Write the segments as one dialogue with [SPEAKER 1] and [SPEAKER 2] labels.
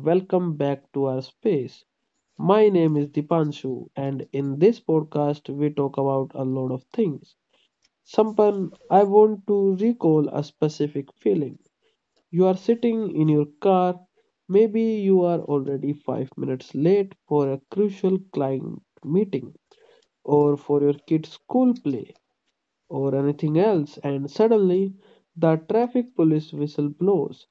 [SPEAKER 1] Welcome back to our space. My name is Dipanshu, and in this podcast, we talk about a lot of things. Sampan, I want to recall a specific feeling. You are sitting in your car. Maybe you are already 5 minutes late for a crucial client meeting or for your kid's school play or anything else, and suddenly the traffic police whistle blows.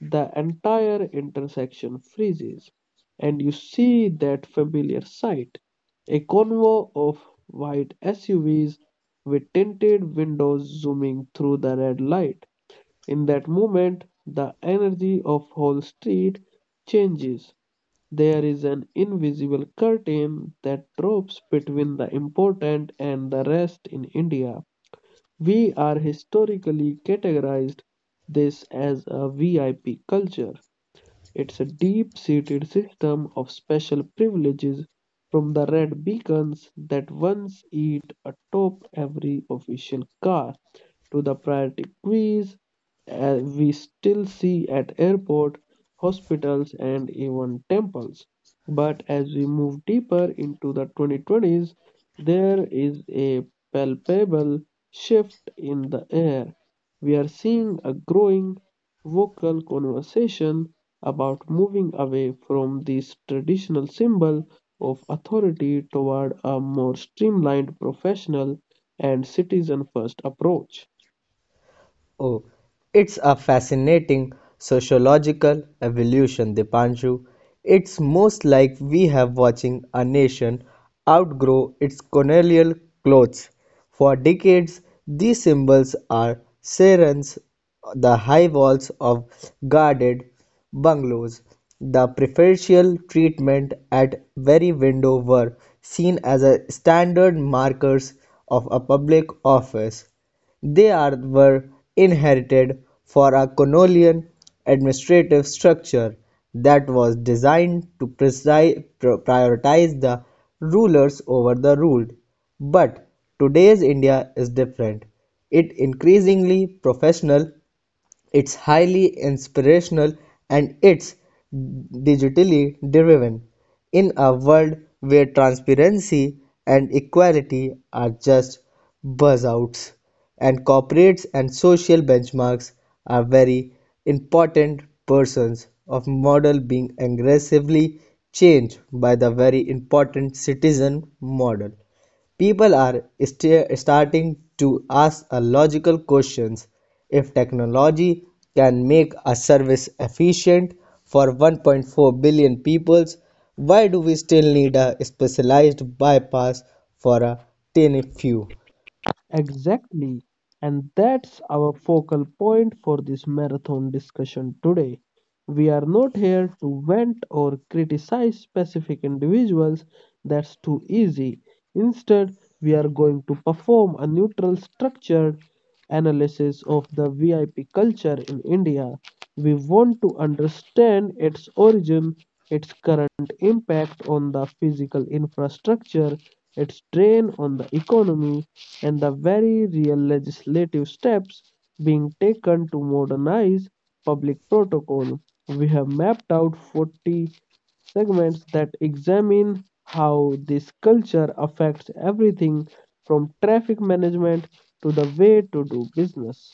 [SPEAKER 1] The entire intersection freezes, and you see that familiar sight, a convoy of white SUVs with tinted windows zooming through the red light. In that moment, the energy of whole street changes. There is an invisible curtain that drops between the important and the rest in India. We are historically categorized this as a VIP culture. It's a deep-seated system of special privileges, from the red beacons that once eat atop every official car to the priority quiz we still see at airport, hospitals, and even temples. But as we move deeper into the 2020s, there is a palpable shift in the air. We are seeing a growing, vocal conversation about moving away from this traditional symbol of authority toward a more streamlined, professional, and citizen first approach.
[SPEAKER 2] Oh, it's a fascinating sociological evolution, Dipanshu. It's most like we have watching a nation outgrow its colonial clothes. For decades, these symbols are sirens, the high walls of guarded bungalows. The preferential treatment at every window were seen as a standard markers of a public office. They are were inherited for a colonial administrative structure that was designed to prioritize the rulers over the ruled. But today's India is different. It increasingly professional, it's highly inspirational, and it's digitally driven, in a world where transparency and equality are just buzzwords, and corporates and social benchmarks are very important persons of model being aggressively changed by the very important citizen model. People are starting to ask a logical questions. If technology can make a service efficient for 1.4 billion people, why do we still need a specialized bypass for a tiny few?
[SPEAKER 1] Exactly. And that's our focal point for this marathon discussion today. We are not here to vent or criticize specific individuals, that's too easy. Instead, we are going to perform a neutral, structured analysis of the VIP culture in India. We want to understand its origin, its current impact on the physical infrastructure, its drain on the economy, and the very real legislative steps being taken to modernize public protocol. We have mapped out 40 segments that examine how this culture affects everything from traffic management to the way to do business.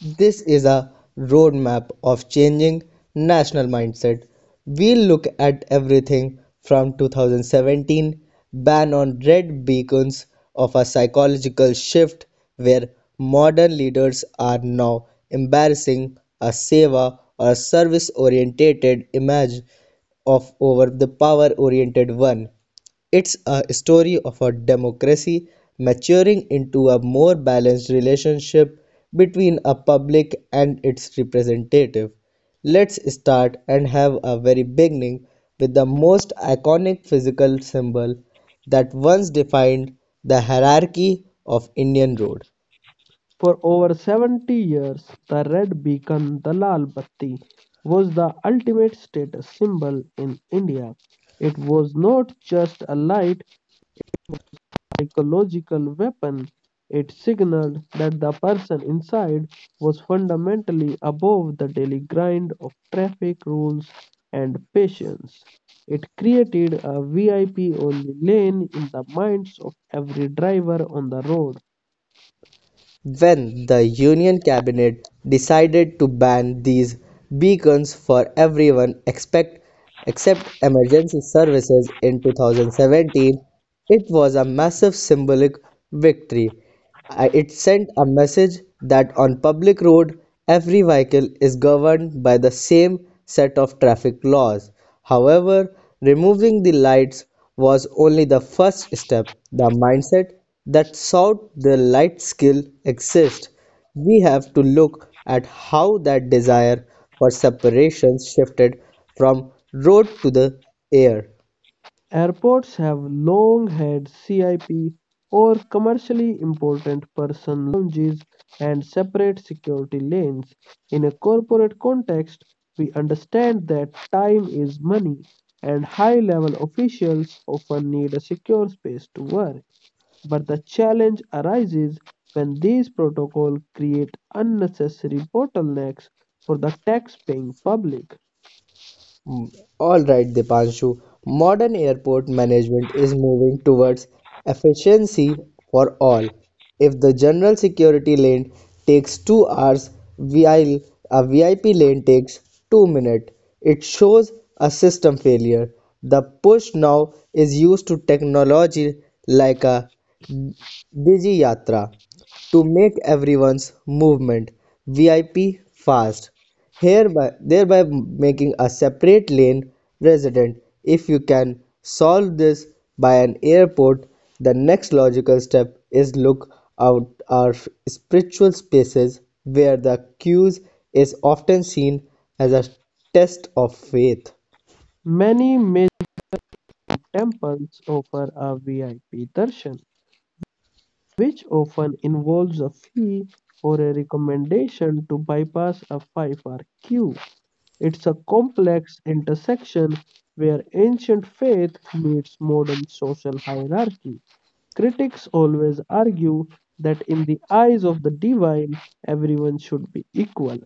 [SPEAKER 2] This is a roadmap of changing national mindset. We'll look at everything from 2017 ban on red beacons of a psychological shift where modern leaders are now embracing a seva or service oriented image of over the power oriented one. It's a story of a democracy maturing into a more balanced relationship between a public and its representative. Let's start and have a very beginning with the most iconic physical symbol that once defined the hierarchy of Indian road
[SPEAKER 1] For over 70 years, the red beacon, the Lal Batti, was the ultimate status symbol in India. It was not just a light, psychological weapon. It signaled that the person inside was fundamentally above the daily grind of traffic rules and patience. It created a VIP only lane in the minds of every driver on the road.
[SPEAKER 2] when the Union cabinet decided to ban these beacons for everyone except emergency services in 2017. It was a massive symbolic victory. It sent a message that on public road, every vehicle is governed by the same set of traffic laws. However, removing the lights was only the first step. The mindset that sought the light skill exists. We have to look at how that desire for separation shifted from road to the air.
[SPEAKER 1] Airports have long had CIP or commercially important person lounges and separate security lanes. In a corporate context, we understand that time is money, and high level officials often need a secure space to work. But the challenge arises when these protocols create unnecessary bottlenecks for the tax paying public.
[SPEAKER 2] All right, Dipanshu. Modern airport management is moving towards efficiency for all. If the general security lane takes 2 hours while a VIP lane takes 2 minutes, it shows a system failure. The push now is used to technology like a Digi Yatra to make everyone's movement VIP fast hereby thereby making a separate lane resident. If you can solve this by an airport, the next logical step is look out our spiritual spaces where the queues is often seen as a test of faith.
[SPEAKER 1] Many major Temples offer a VIP darshan, which often involves a fee or a recommendation to bypass a 5-hour queue. It's a complex intersection where ancient faith meets modern social hierarchy. Critics always argue that in the eyes of the divine, everyone should be equal,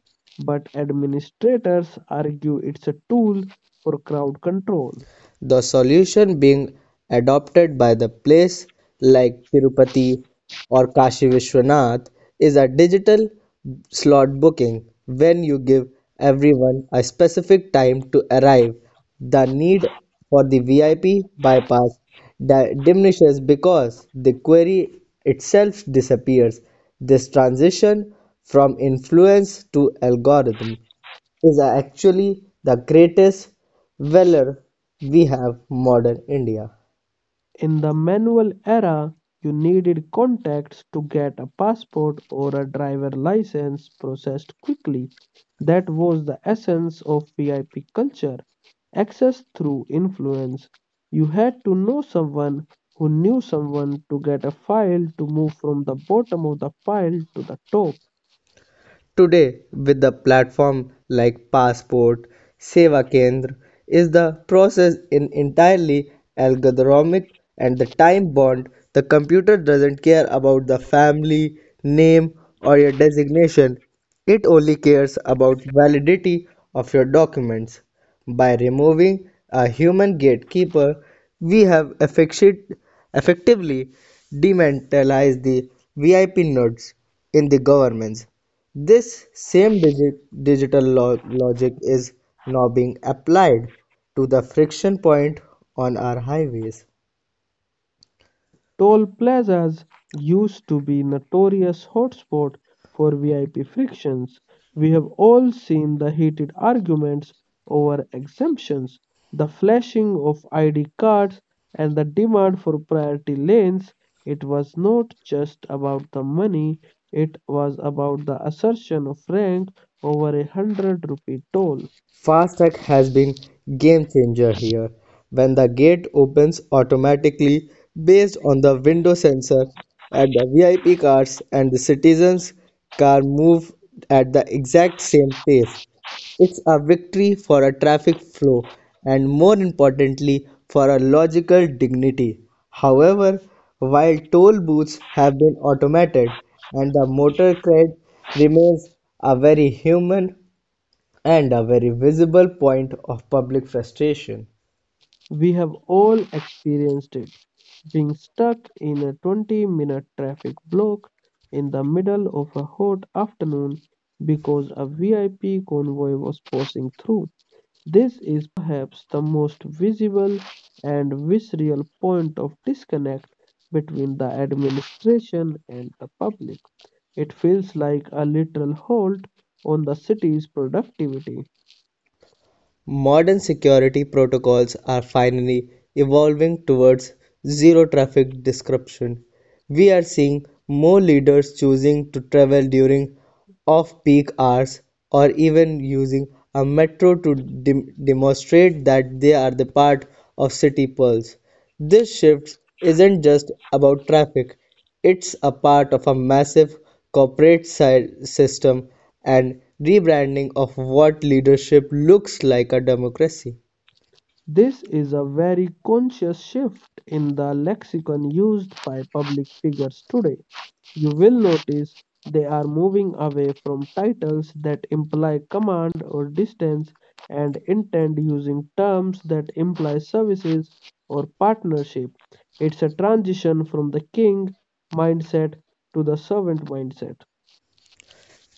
[SPEAKER 1] but administrators argue it's a tool for crowd control.
[SPEAKER 2] The solution being adopted by the place like Tirupati or Kashi Vishwanath is a digital slot booking when you give everyone a specific time to arrive. The need for the VIP bypass diminishes because the query itself disappears. This transition from influence to algorithm is actually the greatest valor we have modern India.
[SPEAKER 1] In the manual era, you needed contacts to get a passport or a driver license processed quickly. That was the essence of VIP culture, access through influence. You had to know someone who knew someone to get a file to move from the bottom of the pile to the top.
[SPEAKER 2] Today, with the platform like Passport, Seva Kendra, is the process in entirely algorithmic and the time bound. The computer doesn't care about the family, name, or your designation. It only cares about validity of your documents. By removing a human gatekeeper, we have effectively demantalized the VIP nodes in the governments. This same digital logic is now being applied to the friction point on our highways.
[SPEAKER 1] Toll plazas used to be notorious hotspot for VIP frictions. We have all seen the heated arguments over exemptions, the flashing of ID cards, and the demand for priority lanes. It was not just about the money. It was about the assertion of rank over a 100 rupee toll.
[SPEAKER 2] Fastech has been game changer here. When the gate opens automatically based on the window sensor at the VIP cars and the citizens car move at the exact same pace. It's a victory for a traffic flow and more importantly for a logical dignity. However, while toll booths have been automated and the motor cred remains a very human and a very visible point of public frustration.
[SPEAKER 1] We have all experienced it, being stuck in a 20-minute traffic block in the middle of a hot afternoon because a VIP convoy was passing through. This is perhaps the most visible and visceral point of disconnect between the administration and the public. It feels like a literal halt on the city's productivity.
[SPEAKER 2] Modern security protocols are finally evolving towards zero traffic disruption. We are seeing more leaders choosing to travel during off peak hours or even using a metro to demonstrate that they are the part of city pulse. This shift isn't just about traffic, it's a part of a massive corporate system and rebranding of what leadership looks like a democracy.
[SPEAKER 1] This is a very conscious shift in the lexicon used by public figures today. You will notice they are moving away from titles that imply command or distance and intend using terms that imply services or partnership. It's a transition from the king mindset to the servant mindset.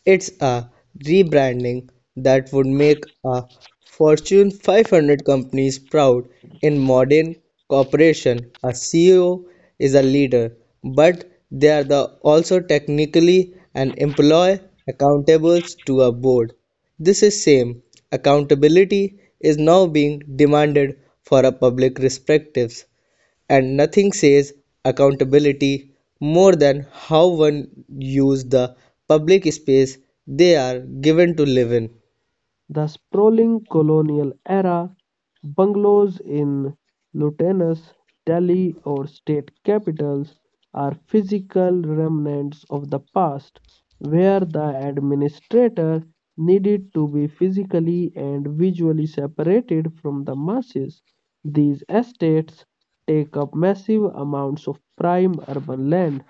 [SPEAKER 2] It's a rebranding that would make a Fortune 500 companies proud. In modern corporation, a CEO is a leader, but they are the also technically an employee accountable to a board. This is same accountability is now being demanded for a public perspectives, and nothing says accountability more than how one uses the public space they are given to live in.
[SPEAKER 1] The sprawling colonial era bungalows in Lutyens, Delhi, or state capitals are physical remnants of the past, where the administrator needed to be physically and visually separated from the masses. These estates take up massive amounts of prime urban land.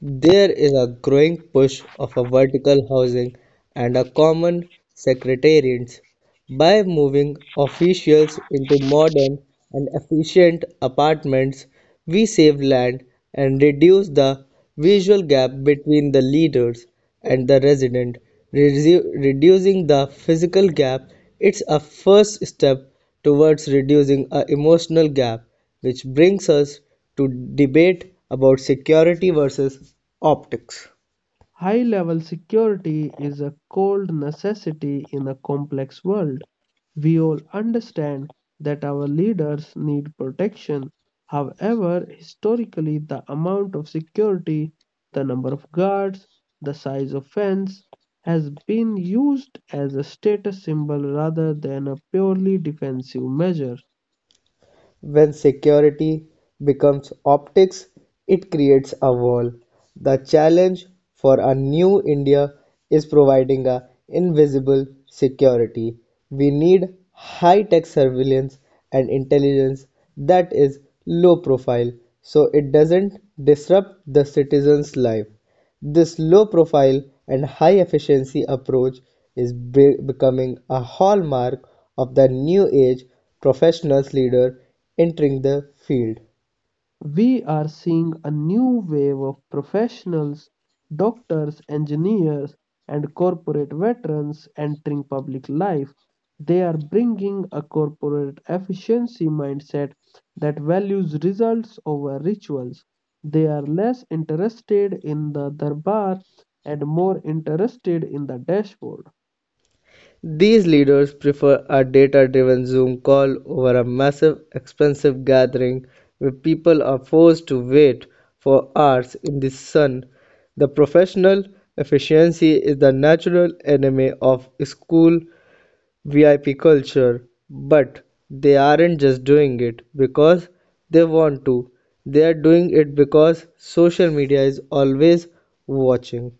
[SPEAKER 2] There is a growing push of a vertical housing and a common secretariats by moving officials into modern and efficient apartments we save land and reduce the visual gap between the leaders and the resident. Reducing the physical gap, it's a first step towards reducing a emotional gap, which brings us to debate about security versus optics.
[SPEAKER 1] High level security is a cold necessity in a complex world. We all understand that our leaders need protection. However, historically, the amount of security, the number of guards, the size of fence has been used as a status symbol rather than a purely defensive measure.
[SPEAKER 2] When security becomes optics, it creates a wall. The challenge for a new India is providing a invisible security. We need high-tech surveillance and intelligence that is low profile so it doesn't disrupt the citizen's life. This low-profile and high-efficiency approach is becoming a hallmark of the new age professional leader entering the field.
[SPEAKER 1] We are seeing a new wave of professionals, doctors, engineers, and corporate veterans entering public life. They are bringing a corporate efficiency mindset that values results over rituals. They are less interested in the darbar and more interested in the dashboard,
[SPEAKER 2] These leaders prefer a data-driven Zoom call over a massive, expensive gathering where people are forced to wait for hours in the sun. The professional efficiency is the natural enemy of school VIP culture, but they aren't just doing it because they want to. They are doing it because social media is always watching.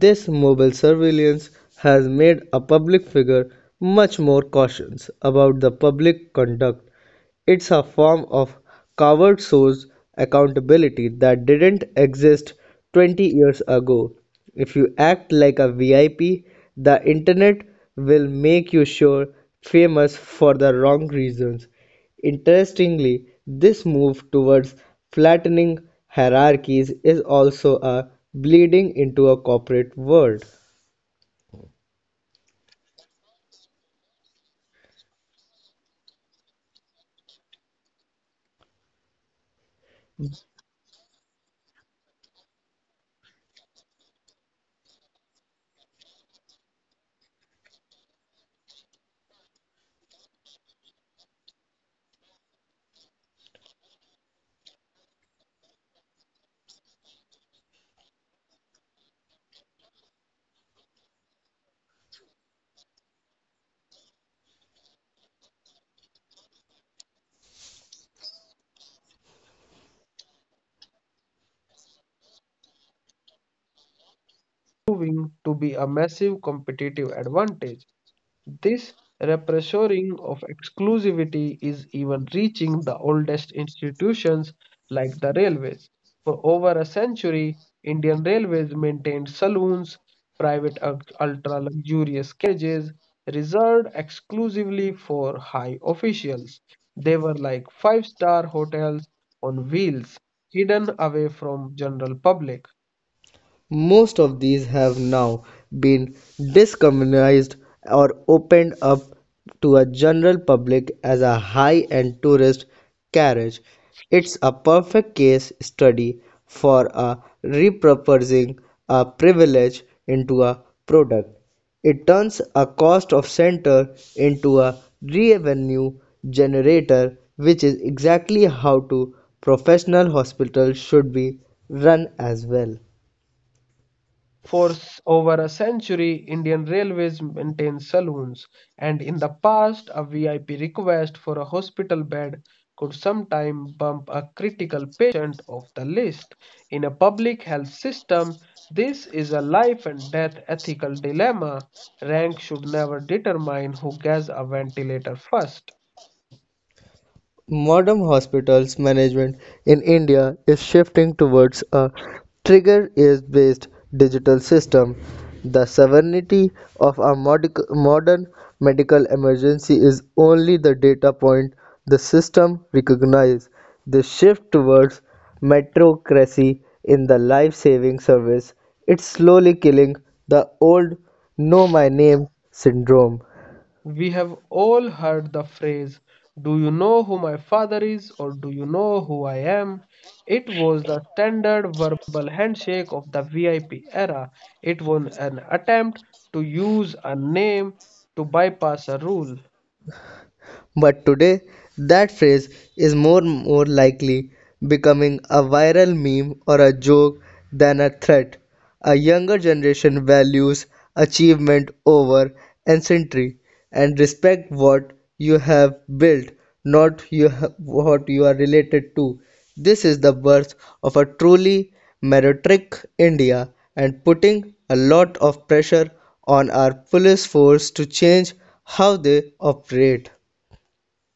[SPEAKER 2] This mobile surveillance has made a public figure much more cautious about the public conduct. It's a form of covert source accountability that didn't exist 20 years ago. If you act like a VIP, the internet will make you sure famous for the wrong reasons. Interestingly, this move towards flattening hierarchies is also a bleeding into a corporate world.
[SPEAKER 1] proving to be a massive competitive advantage. This repressoring of exclusivity is even reaching the oldest institutions like the railways. For over a century, Indian railways maintained saloons, private ultra luxurious carriages reserved exclusively for high officials. They were like five-star hotels on wheels, hidden away from general public.
[SPEAKER 2] Most of these have now been decommunized or opened up to a general public as a high-end tourist carriage. It's a perfect case study for a repurposing a privilege into a product. It turns a cost of center into a revenue generator, which is exactly how to professional hospitals should be run as well.
[SPEAKER 1] For over a century, Indian Railways maintained saloons, and in the past, a VIP request for a hospital bed could sometimes bump a critical patient off the list. In a public health system, this is a life and death ethical dilemma. Rank should never determine who gets a ventilator first.
[SPEAKER 2] Modern hospitals management in India is shifting towards a trigger is based digital system. The severity of a modern medical emergency is only the data point the system recognizes. The shift towards metrocracy in the life saving service it's slowly killing the old know my name syndrome.
[SPEAKER 1] We have all heard the phrase, "Do you know who my father is?" or "Do you know who I am?" It was the standard verbal handshake of the VIP era. It was an attempt to use a name to bypass a rule.
[SPEAKER 2] But today, that phrase is more and more likely becoming a viral meme or a joke than a threat. A younger generation values achievement over ancestry and respect what you have built, not what you are related to. This is the birth of a truly meritocratic India and putting a lot of pressure on our police force to change how they operate.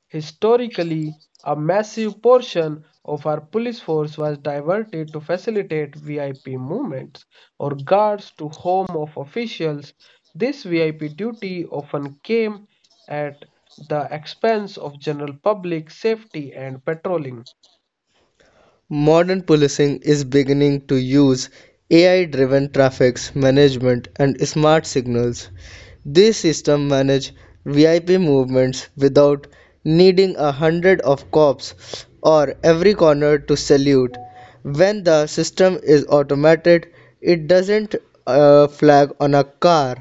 [SPEAKER 1] Historically, a massive portion of our police force was diverted to facilitate VIP movements or guards to home of officials. This VIP duty often came at the expense of general public safety and patrolling.
[SPEAKER 2] Modern policing is beginning to use AI driven traffic management and smart signals. These systems manage VIP movements without needing a hundred of cops or every corner to salute. When the system is automated, it doesn't flag on a car.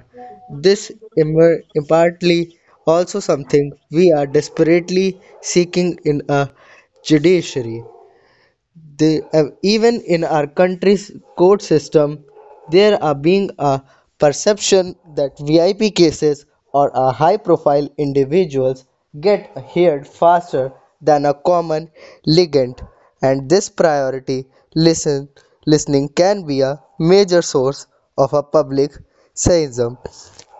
[SPEAKER 2] This impartly also something we are desperately seeking in a judiciary. They even in our country's court system, there are being a perception that VIP cases or a high-profile individuals get heard faster than a common litigant, and this priority listen listening can be a major source of a public cynicism.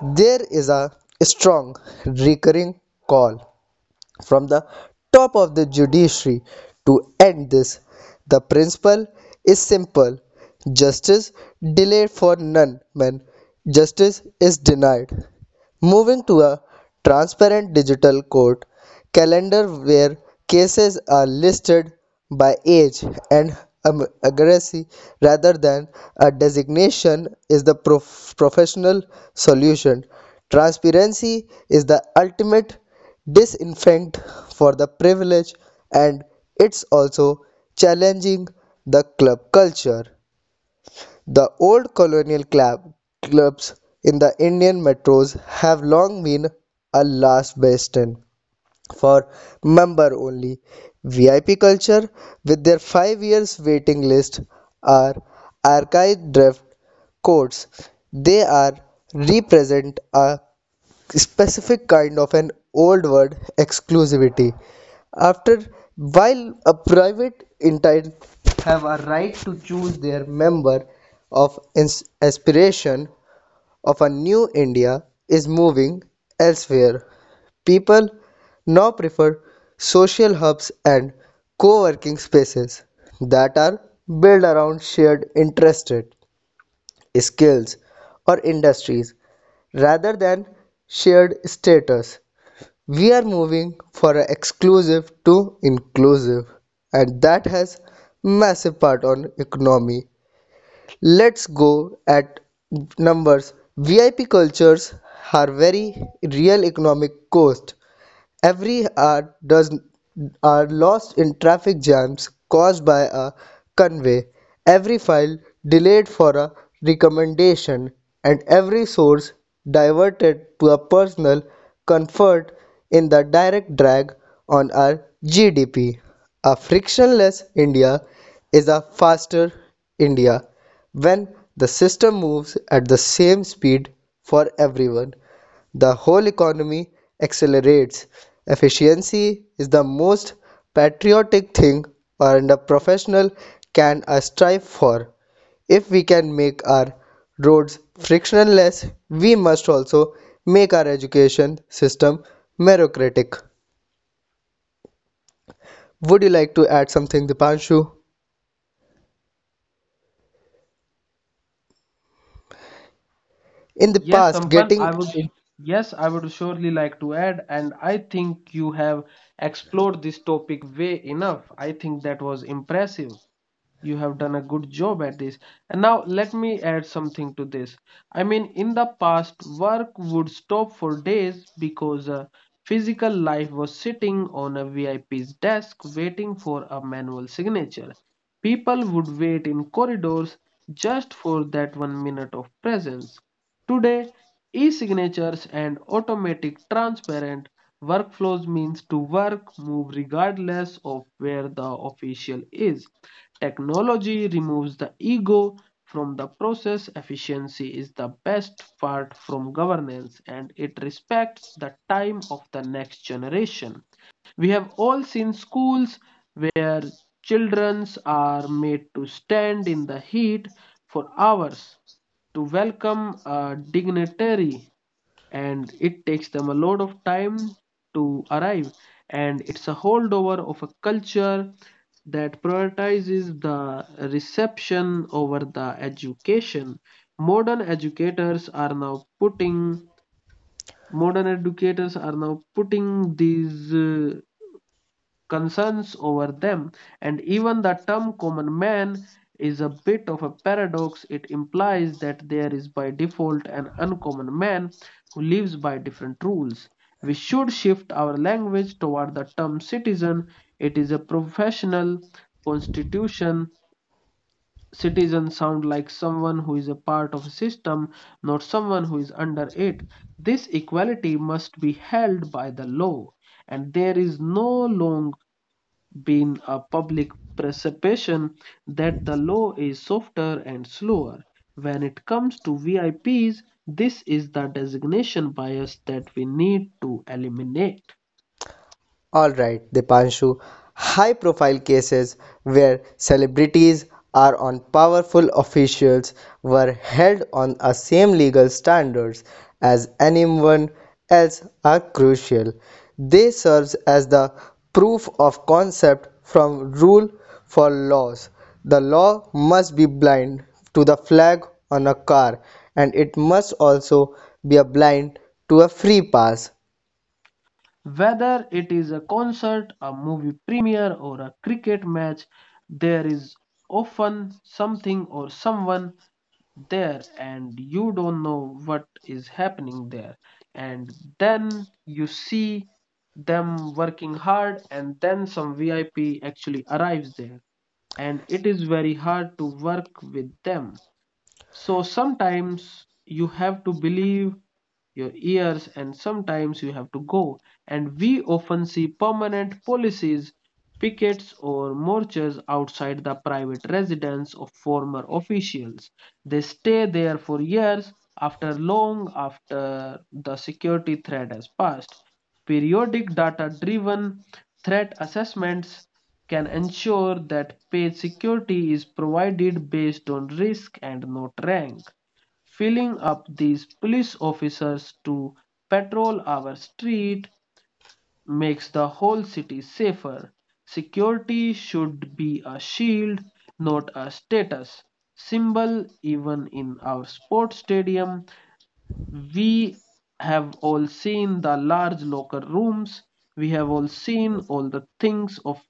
[SPEAKER 2] There is a strong recurring call from the top of the judiciary. To end this, the principle is simple justice delayed for none when justice is denied. Moving to a transparent digital court calendar where cases are listed by age and accuracy rather than a designation is the professional solution. Transparency is the ultimate disinfect for the privilege and it's also challenging the club culture, the old colonial clubs in the Indian metros have long been a last bastion for member only. VIP culture, with their 5 years waiting list, are archived draft courts. They are represent a specific kind of an old word exclusivity after while a private entity have a right to choose their member of aspiration of a new India is moving elsewhere people now prefer social hubs and co-working spaces that are built around shared interests skills, or industries rather than shared status. We are moving for a exclusive to inclusive, and that has massive part on economy. Let's go at numbers. VIP cultures are very real economic cost. Every hour does are lost in traffic jams caused by a convey, every file delayed for a recommendation, and every source diverted to a personal comfort in the direct drag on our GDP. A frictionless India is a faster India when the system moves at the same speed for everyone. The whole economy accelerates. Efficiency is the most patriotic thing and a professional can strive for. If we can make our roads frictionless, we must also make our education system meritocratic. Would you like to add something, Dipanshu? In the
[SPEAKER 1] Yes,
[SPEAKER 2] past,
[SPEAKER 1] Sampan,
[SPEAKER 2] getting in-
[SPEAKER 1] I would surely like to add, and I think you have explored this topic way enough. I think that was impressive. You have done a good job at this, and now let me add something to this. I mean, in the past, work would stop for days because physical life was sitting on a VIP's desk waiting for a manual signature. People would wait in corridors just for that 1 minute of presence. Today, e-signatures and automatic transparent workflows means to work move regardless of where the official is. Technology removes the ego from the process. Efficiency is the best part from governance, and it respects the time of the next generation. We have all seen schools where children are made to stand in the heat for hours to welcome a dignitary, and it takes them a lot of time to arrive, and it's a holdover of a culture that prioritizes the reception over the education. modern educators are now putting Modern educators are now putting these concerns over them. And even the term common man is a bit of a paradox. It implies that there is by default an uncommon man who lives by different rules. We should shift our language toward the term citizen. It is a professional constitution. Citizen sound like someone who is a part of a system, not someone who is under it. This equality must be held by the law, and there is no long been a public perception that the law is softer and slower. When it comes to VIPs, this is the designation bias that we need to eliminate.
[SPEAKER 2] All right, Dipanshu. High profile cases where celebrities are on powerful officials were held on the same legal standards as anyone else are crucial. They serve as the proof of concept from rule for laws. The law must be blind to the flag on a car and it must also be a blind to a free pass.
[SPEAKER 1] Whether it is a concert, a movie premiere, or a cricket match, there is often something or someone there and you don't know what is happening there, and then you see them working hard, and then some VIP actually arrives there, and it is very hard to work with them. So sometimes you have to believe your ears, and sometimes you have to go. And we often see permanent policies, pickets, or marches outside the private residence of former officials. They stay there for years after long after the security threat has passed. Periodic data driven threat assessments can ensure that paid security is provided based on risk and not rank. Filling up these police officers to patrol our street makes the whole city safer. Security should be a shield, not a status symbol. Even in our sports stadium, we have all seen the large locker rooms. We have all seen all the things of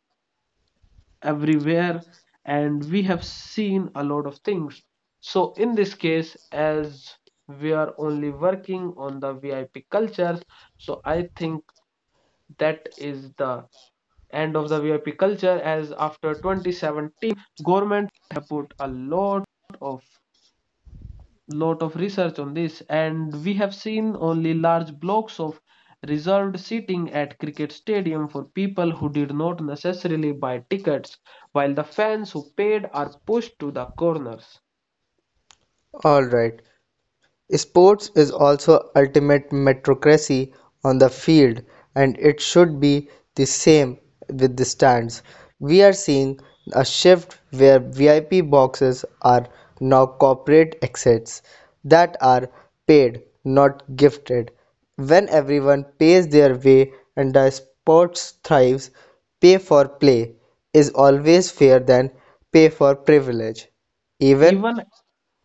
[SPEAKER 1] everywhere, and we have seen a lot of things. So in this case, as we are only working on the VIP cultures, so I think that is the end of the VIP culture. As after 2017, government have put a lot of research on this, and we have seen only large blocks of reserved seating at cricket stadium for people who did not necessarily buy tickets, while the fans who paid are pushed to the corners.
[SPEAKER 2] All right. Sports is also ultimate meritocracy on the field and it should be the same with the stands. We are seeing a shift where VIP boxes are now corporate exits that are paid, not gifted. When everyone pays their way and the sports thrives, pay for play is always fair than pay for privilege. Even
[SPEAKER 1] Even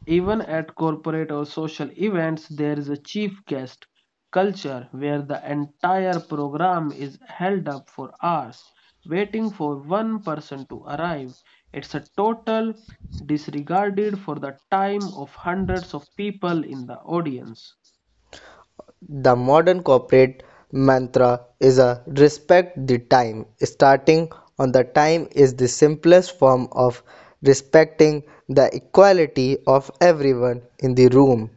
[SPEAKER 1] Even at corporate or social events, there is a chief guest culture where the entire program is held up for hours, waiting for one person to arrive. It's a total disregarded for the time of hundreds of people in the audience.
[SPEAKER 2] the modern corporate mantra is a "respect the time". Starting on the time is the simplest form of respecting the equality of everyone in the room.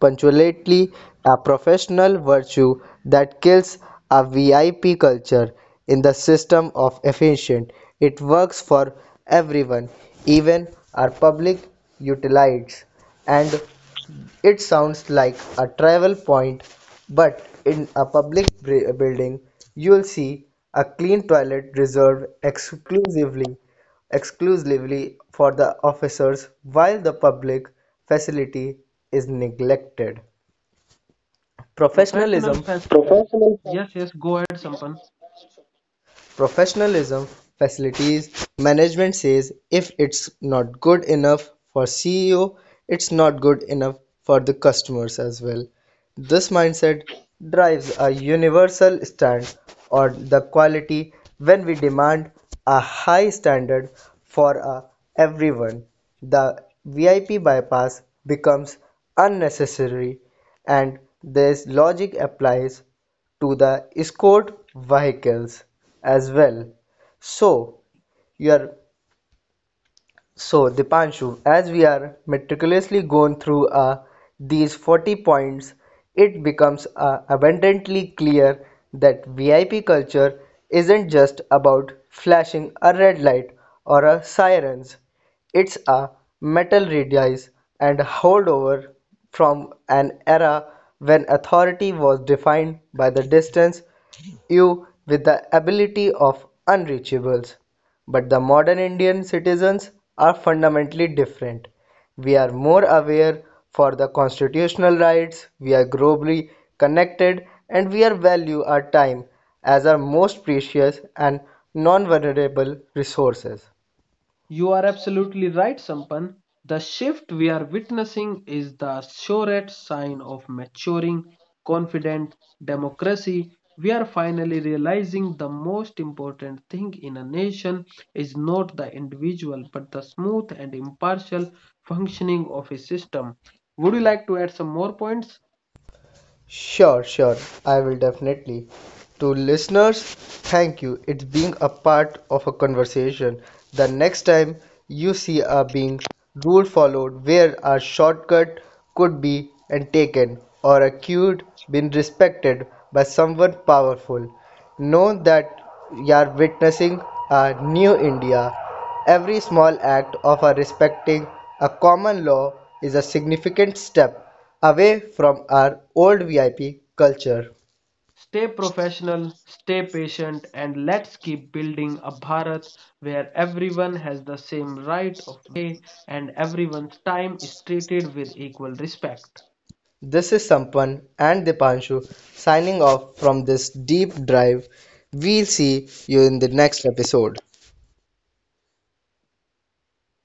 [SPEAKER 2] Punctuality, a professional virtue that kills a VIP culture in the system of efficient. It works for everyone, even our public utilities, and it sounds like a travel point, but in a public building, you'll see a clean toilet reserved exclusively for the officers while the public facility is neglected.
[SPEAKER 1] Professional
[SPEAKER 2] Professionalism
[SPEAKER 1] fest. Yes, yes, go ahead, Sampan.
[SPEAKER 2] Professionalism facilities management says if it's not good enough for CEO, it's not good enough for the customers as well. This mindset drives a universal stand on the quality when we demand a high standard for everyone. The VIP bypass becomes unnecessary and this logic applies to the escort vehicles as well. So your so, Dipanshu, as we are meticulously going through these 40 points, it becomes abundantly clear that VIP culture isn't just about flashing a red light or a sirens. It's a metal radius and holdover from an era when authority was defined by the distance you with the ability of unreachables. But the modern Indian citizens are fundamentally different. We are more aware for the constitutional rights, we are globally connected, and we are value our time as our most precious and non-vulnerable resources.
[SPEAKER 1] You are absolutely right, Sampan. The shift we are witnessing is the surest sign of maturing, confident democracy. We are finally realizing the most important thing in a nation is not the individual but the smooth and impartial functioning of a system. Would you like to add some more points?
[SPEAKER 2] Sure, sure. I will definitely. To listeners, thank you. It's being a part of a conversation. The next time you see a being rule followed where a shortcut could be and taken or a cue been respected by someone powerful. Know that you're witnessing a new India. Every small act of a respecting a common law is a significant step away from our old VIP culture.
[SPEAKER 1] Stay professional, stay patient, and let's keep building a Bharat where everyone has the same right of way and everyone's time is treated with equal respect.
[SPEAKER 2] This is Sampan and Dipanshu signing off from this deep dive. We'll see you in the next episode.